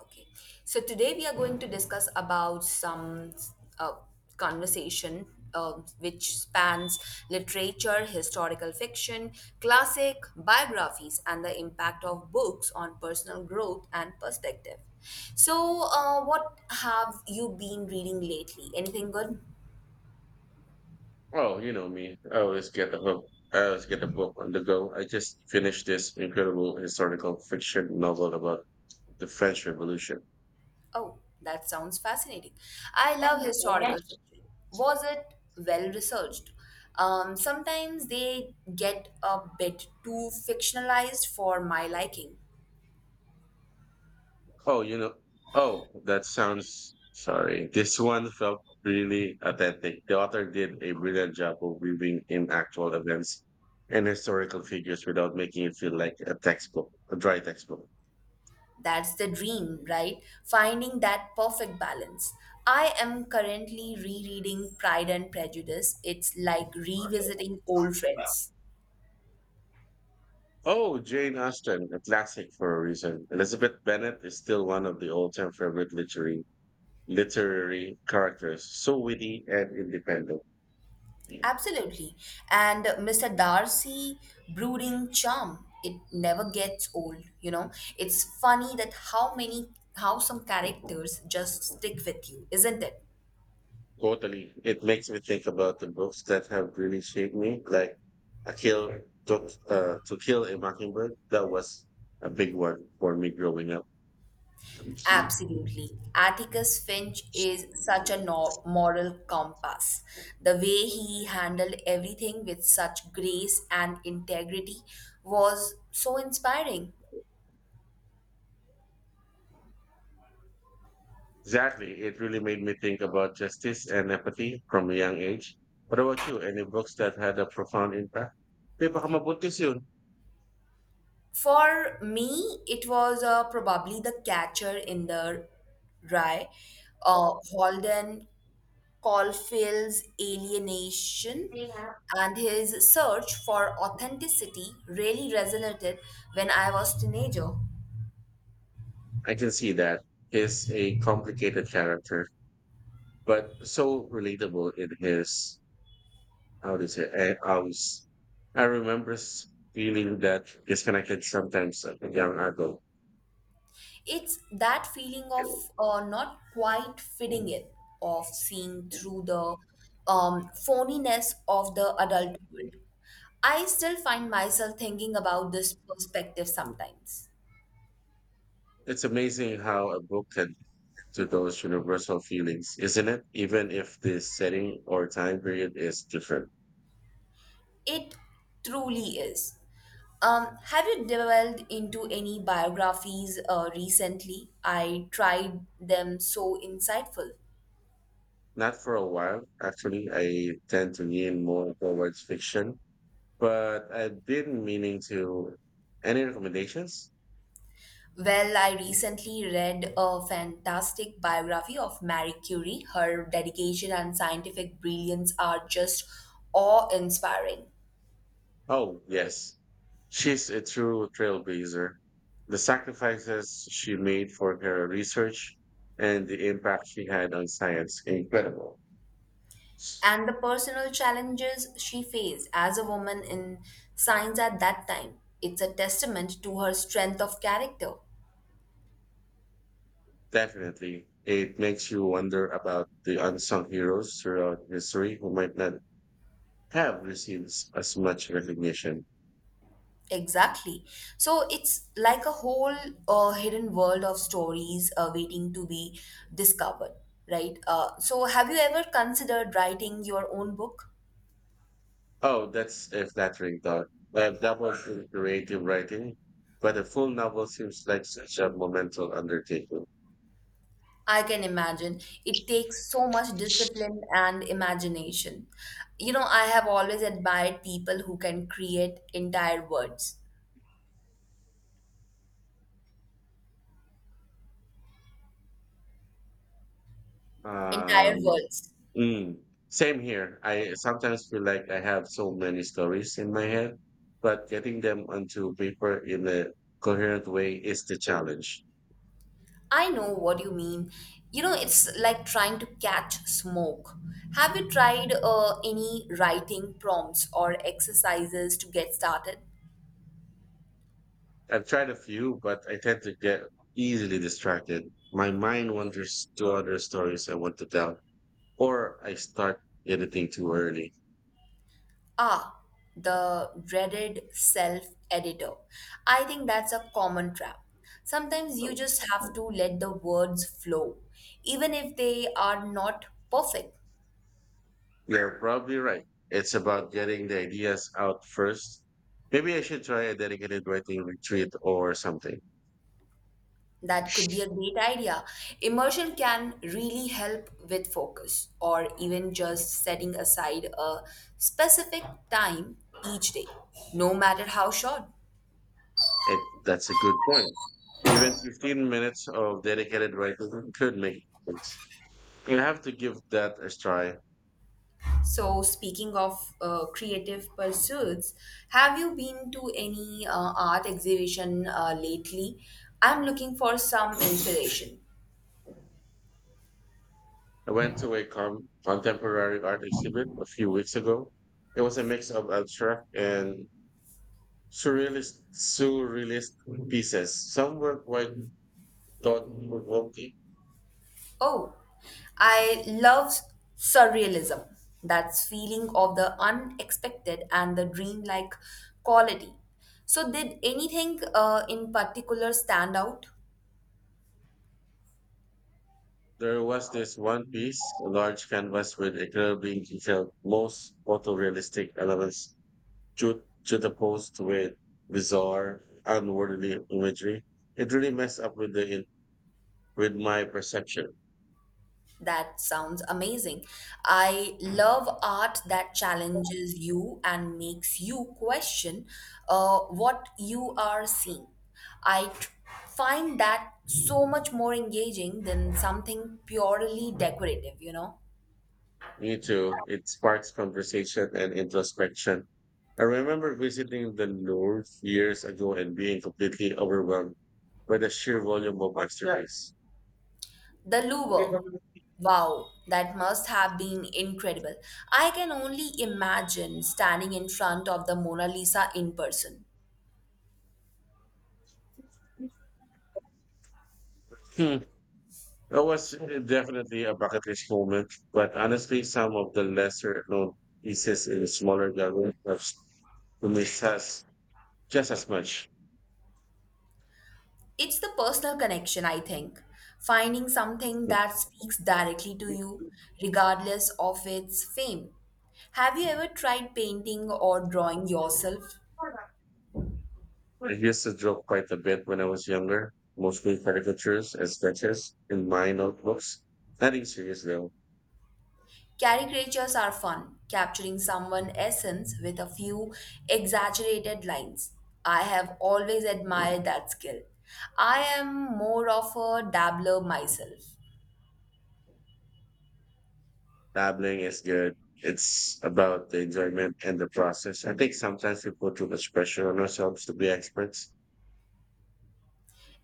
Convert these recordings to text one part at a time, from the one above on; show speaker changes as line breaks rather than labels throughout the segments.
Okay, so today we are going to discuss about some uh, conversation uh, which spans literature, historical fiction, classic biographies, and the impact of books on personal growth and perspective. So, what have you been reading lately? Anything good?
Oh, you know me. I always get the hook. I always get the book on the go. I just finished this incredible historical fiction novel about the French Revolution.
Oh, that sounds fascinating. I love historical fiction. Was it well researched? Sometimes they get a bit too fictionalized for my liking.
Oh, you know. Oh, that sounds. Sorry. This one felt really authentic. The author did a brilliant job of weaving in actual events and historical figures without making it feel like a textbook, a dry textbook.
That's the dream, right? Finding that perfect balance. I am currently rereading Pride and Prejudice. It's like revisiting old friends.
Oh, Jane Austen, a classic for a reason. Elizabeth Bennet is still one of the all-time favorite literary characters, so witty and independent.
Absolutely. And Mr. Darcy brooding charm, it never gets old. It's funny that how some characters just stick with you, isn't it?
Totally. It makes me think about the books that have really shaped me, like A Kill to, to Kill a Mockingbird. That was a big one for me growing up. Exactly.
Absolutely. Atticus Finch is such a moral compass. The way he handled everything with such grace and integrity was so inspiring.
It really made me think about justice and empathy from a young age. What about you? Any books that had a profound impact? May baka mabuntis yun.
For me, it was probably the catcher in the rye, Holden Caulfield's alienation and his search for authenticity really resonated when I was teenager.
I can see that. He's a complicated character, but so relatable in his how to say I was I remember s- feeling that disconnected sometimes as a young adult.
It's that feeling of not quite fitting in, of seeing through the phoniness of the adult world. I still find myself thinking about this perspective sometimes.
It's amazing how a book can connect to those universal feelings, isn't it? Even if the setting or time period is different.
It truly is. Have you delved into any biographies recently? I tried them so insightful.
Not for a while, actually. I tend to lean more towards fiction, but I've been meaning to. Any recommendations?
Well, I recently read a fantastic biography of Marie Curie. Her dedication and scientific brilliance are just awe inspiring.
Oh, yes. She's a true trailblazer. The sacrifices she made for her research and the impact she had on science, incredible.
And the personal challenges she faced as a woman in science at that time. It's a testament to her strength of character.
Definitely. It makes you wonder about the unsung heroes throughout history who might not have received as much recognition.
Exactly. So it's like a whole hidden world of stories waiting to be discovered, right? So have you ever considered writing your own book?
Oh, that's a flattering thought. I've dabbled in creative writing, but a full novel seems like such a monumental undertaking.
I can imagine. It takes so much discipline and imagination. You know, I have always admired people who can create entire
Um,
worlds.
mm, Same here. I sometimes feel like I have so many stories in my head, but getting them onto paper in a coherent way is the challenge.
I know what you mean. You know, it's like trying to catch smoke. Have you tried any writing prompts or exercises to get started?
I've tried a few, but I tend to get easily distracted. My mind wanders to other stories I want to tell, or I start editing too early.
Ah, the dreaded self editor. I think that's a common trap. Sometimes you just have to let the words flow, even if they are not perfect.
You're probably right. It's about getting the ideas out first. Maybe I should try a dedicated writing retreat or something.
That could be a great idea. Immersion can really help with focus or even just setting aside a specific time each day, no matter how short.
That's a good point. Even 15 minutes of dedicated writing could make a difference. You have to give that a try.
So, speaking of creative pursuits, have you been to any art exhibition lately? I'm looking for some inspiration.
I went to a contemporary art exhibit a few weeks ago. It was a mix of abstract and surrealist pieces. Some were quite thought-provoking.
Oh, I love surrealism. That's feeling of the unexpected and the dreamlike quality. So, did anything in particular stand out?
There was this one piece, a large canvas with incredibly detailed, most photorealistic elements juxtaposed with bizarre, unworldly imagery. It really messed up with with my perception.
That sounds amazing. I love art that challenges you and makes you question what you are seeing. I t- Find that so much more engaging than something purely decorative, you know?
Me too. It sparks conversation and introspection. I remember visiting the North years ago and being completely overwhelmed by the sheer volume of masterpiece.
The
Hmm.
Louvre. Wow, that must have been incredible. I can only imagine standing in front of the Mona Lisa in person.
That was definitely a bucket list moment, but honestly, some of the lesser known pieces in smaller galleries have to me has just as much.
It's the personal connection, I think. Finding something that speaks directly to you, regardless of its fame. Have you ever tried painting or drawing yourself?
I used to draw quite a bit when I was younger, mostly caricatures and sketches in my notebooks. Nothing serious though.
Caricatures are fun, capturing someone's essence with a few exaggerated lines. I have always admired that skill. I am more of a dabbler myself.
Dabbling is good. It's about the enjoyment and the process. I think sometimes we put too much pressure on ourselves to be experts.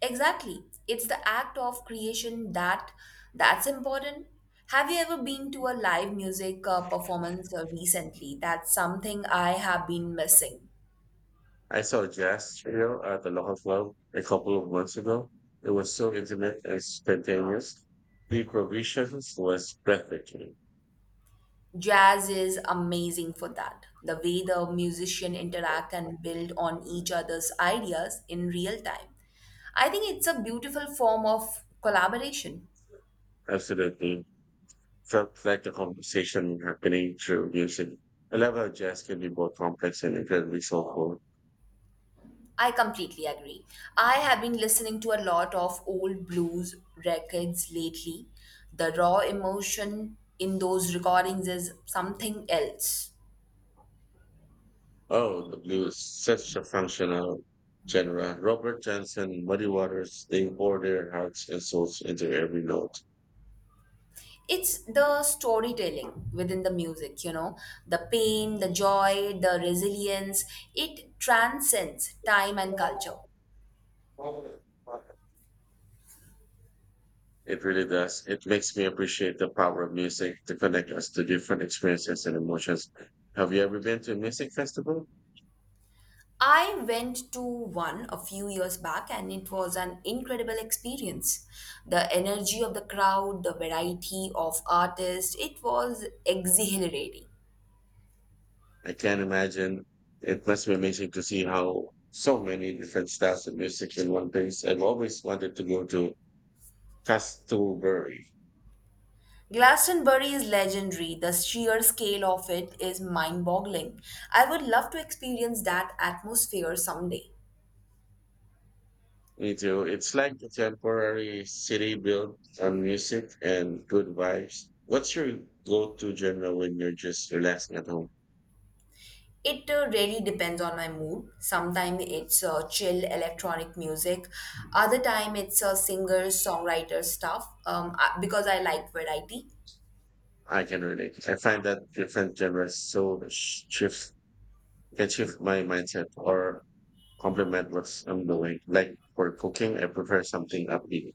Exactly. It's the act of creation that's important. Have you ever been to a live music performance recently? That's something I have been missing.
I saw a jazz trio at the local club a couple of months ago. It was so intimate and spontaneous. The improvisations was breathtaking.
Jazz is amazing for that. The way the musicians interact and build on each other's ideas in real time. I think it's a beautiful form of collaboration.
Absolutely. Felt like a conversation happening through music. I love how jazz can be both complex and incredibly soulful.
I completely agree. I have been listening to a lot of old blues records lately. The raw emotion in those recordings is something else.
Oh, the blues, such a functional genre. Robert Johnson, Muddy Waters, they pour their hearts and souls into every note.
It's the storytelling within the music, you know, the pain, the joy, the resilience. It transcends time and culture.
It really does. It makes me appreciate the power of music to connect us to different experiences and emotions. Have you ever been to a music festival?
I went to one a few years back and it was an incredible experience. The energy of the crowd, the variety of artists, it was exhilarating.
I can't imagine. It must be amazing to see how so many different styles of music in one place. I've always wanted to go to Glastonbury.
Glastonbury is legendary. The sheer scale of it is mind boggling. I would love to experience that atmosphere someday.
Me too. It's like a temporary city built on music and good vibes. What's your go-to genre when you're just relaxing at home?
It really depends on my mood. Sometimes it's chill electronic music, other time it's singer songwriter stuff. Because I like variety.
I can relate. I find that different genres so shift can shift my mindset or complement what I'm doing. Like for cooking, I prefer something upbeat.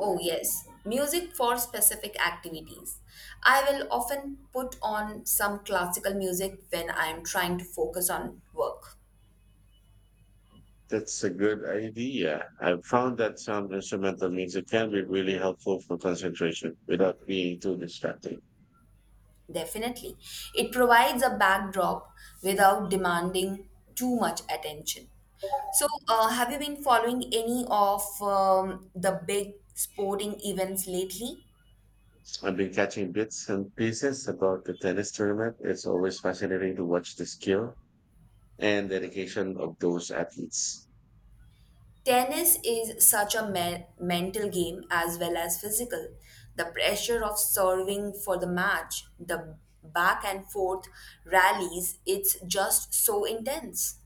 Oh yes, music for specific activities. I will often put on some classical music when I am trying to focus on work.
That's a good idea. I've found that some instrumental music can be really helpful for concentration without being too distracting.
Definitely. It provides a backdrop without demanding too much attention. So, have you been following any of the big sporting events lately?
I've been catching bits and pieces about the tennis tournament. It's always fascinating to watch the skill and dedication of those athletes.
Tennis is such a mental game as well as physical. The pressure of serving for the match, the back and forth rallies, it's just so intense.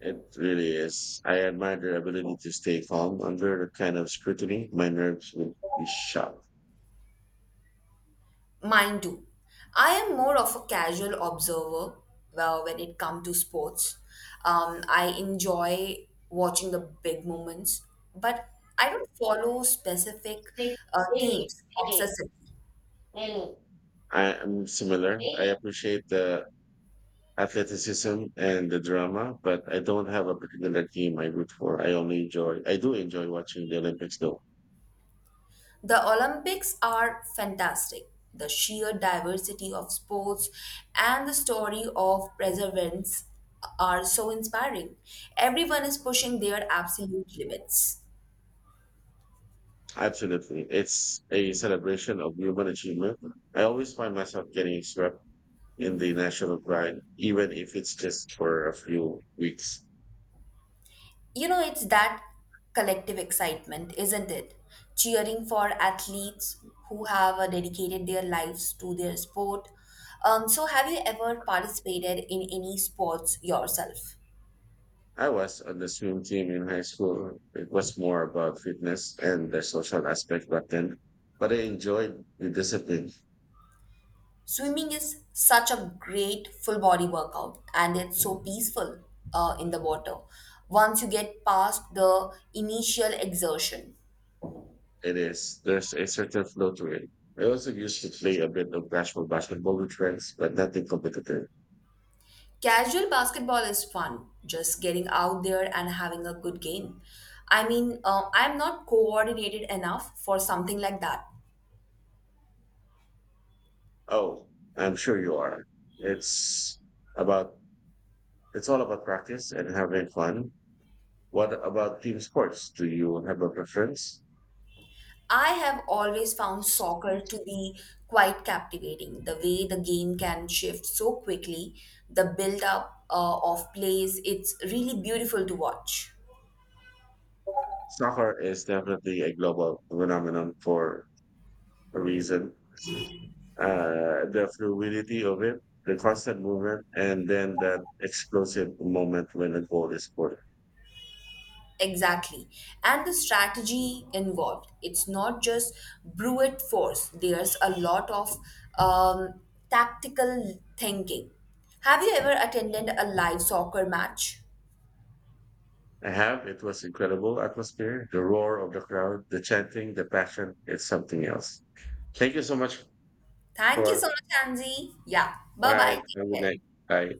It really is. I admire their ability to stay calm under the kind of scrutiny. My nerves would be shot.
Mine too. I am more of a casual observer when it comes to sports. I enjoy watching the big moments, but I don't follow specific teams obsessively.
I am similar. I appreciate the athleticism and the drama, but I don't have a particular team I root for. I do enjoy watching the Olympics though.
The Olympics are fantastic. The sheer diversity of sports and the story of perseverance are so inspiring. Everyone is pushing their absolute limits.
Absolutely. It's a celebration of human achievement. I always find myself getting swept in the national grind, even if it's just for a few weeks.
You know, it's that collective excitement, isn't it? Cheering for athletes who have dedicated their lives to their sport. So, have you ever participated in any sports yourself?
I was on the swim team in high school. It was more about fitness and the social aspect back then, but I enjoyed the discipline.
Swimming is such a great full body workout and it's so peaceful in the water once you get past the initial exertion.
It is. There's a certain flow to it. I also used to play a bit of casual basketball with friends, but nothing competitive.
Casual basketball is fun, just getting out there and having a good game. I mean, I'm not coordinated enough for something like that.
Oh, I'm sure you are. It's about it's all about practice and having fun. What about team sports? Do you have a preference?
I have always found soccer to be quite captivating. The way the game can shift so quickly, the build up of plays, it's really beautiful to watch.
Soccer is definitely a global phenomenon for a reason. The fluidity of it, the constant movement, and then that explosive moment when a goal is scored.
Exactly. And the strategy involved. It's not just brute force, there's a lot of um, tactical thinking. Have you ever attended a live soccer match?
I have. It was incredible atmosphere, the roar of the crowd, the chanting, the passion. It's something else. Thank you so much,
Thank you
Paul.
so much, Anzi. Yeah.
All
Bye
right.
bye.
Have
Take
a good
care.
night. Bye.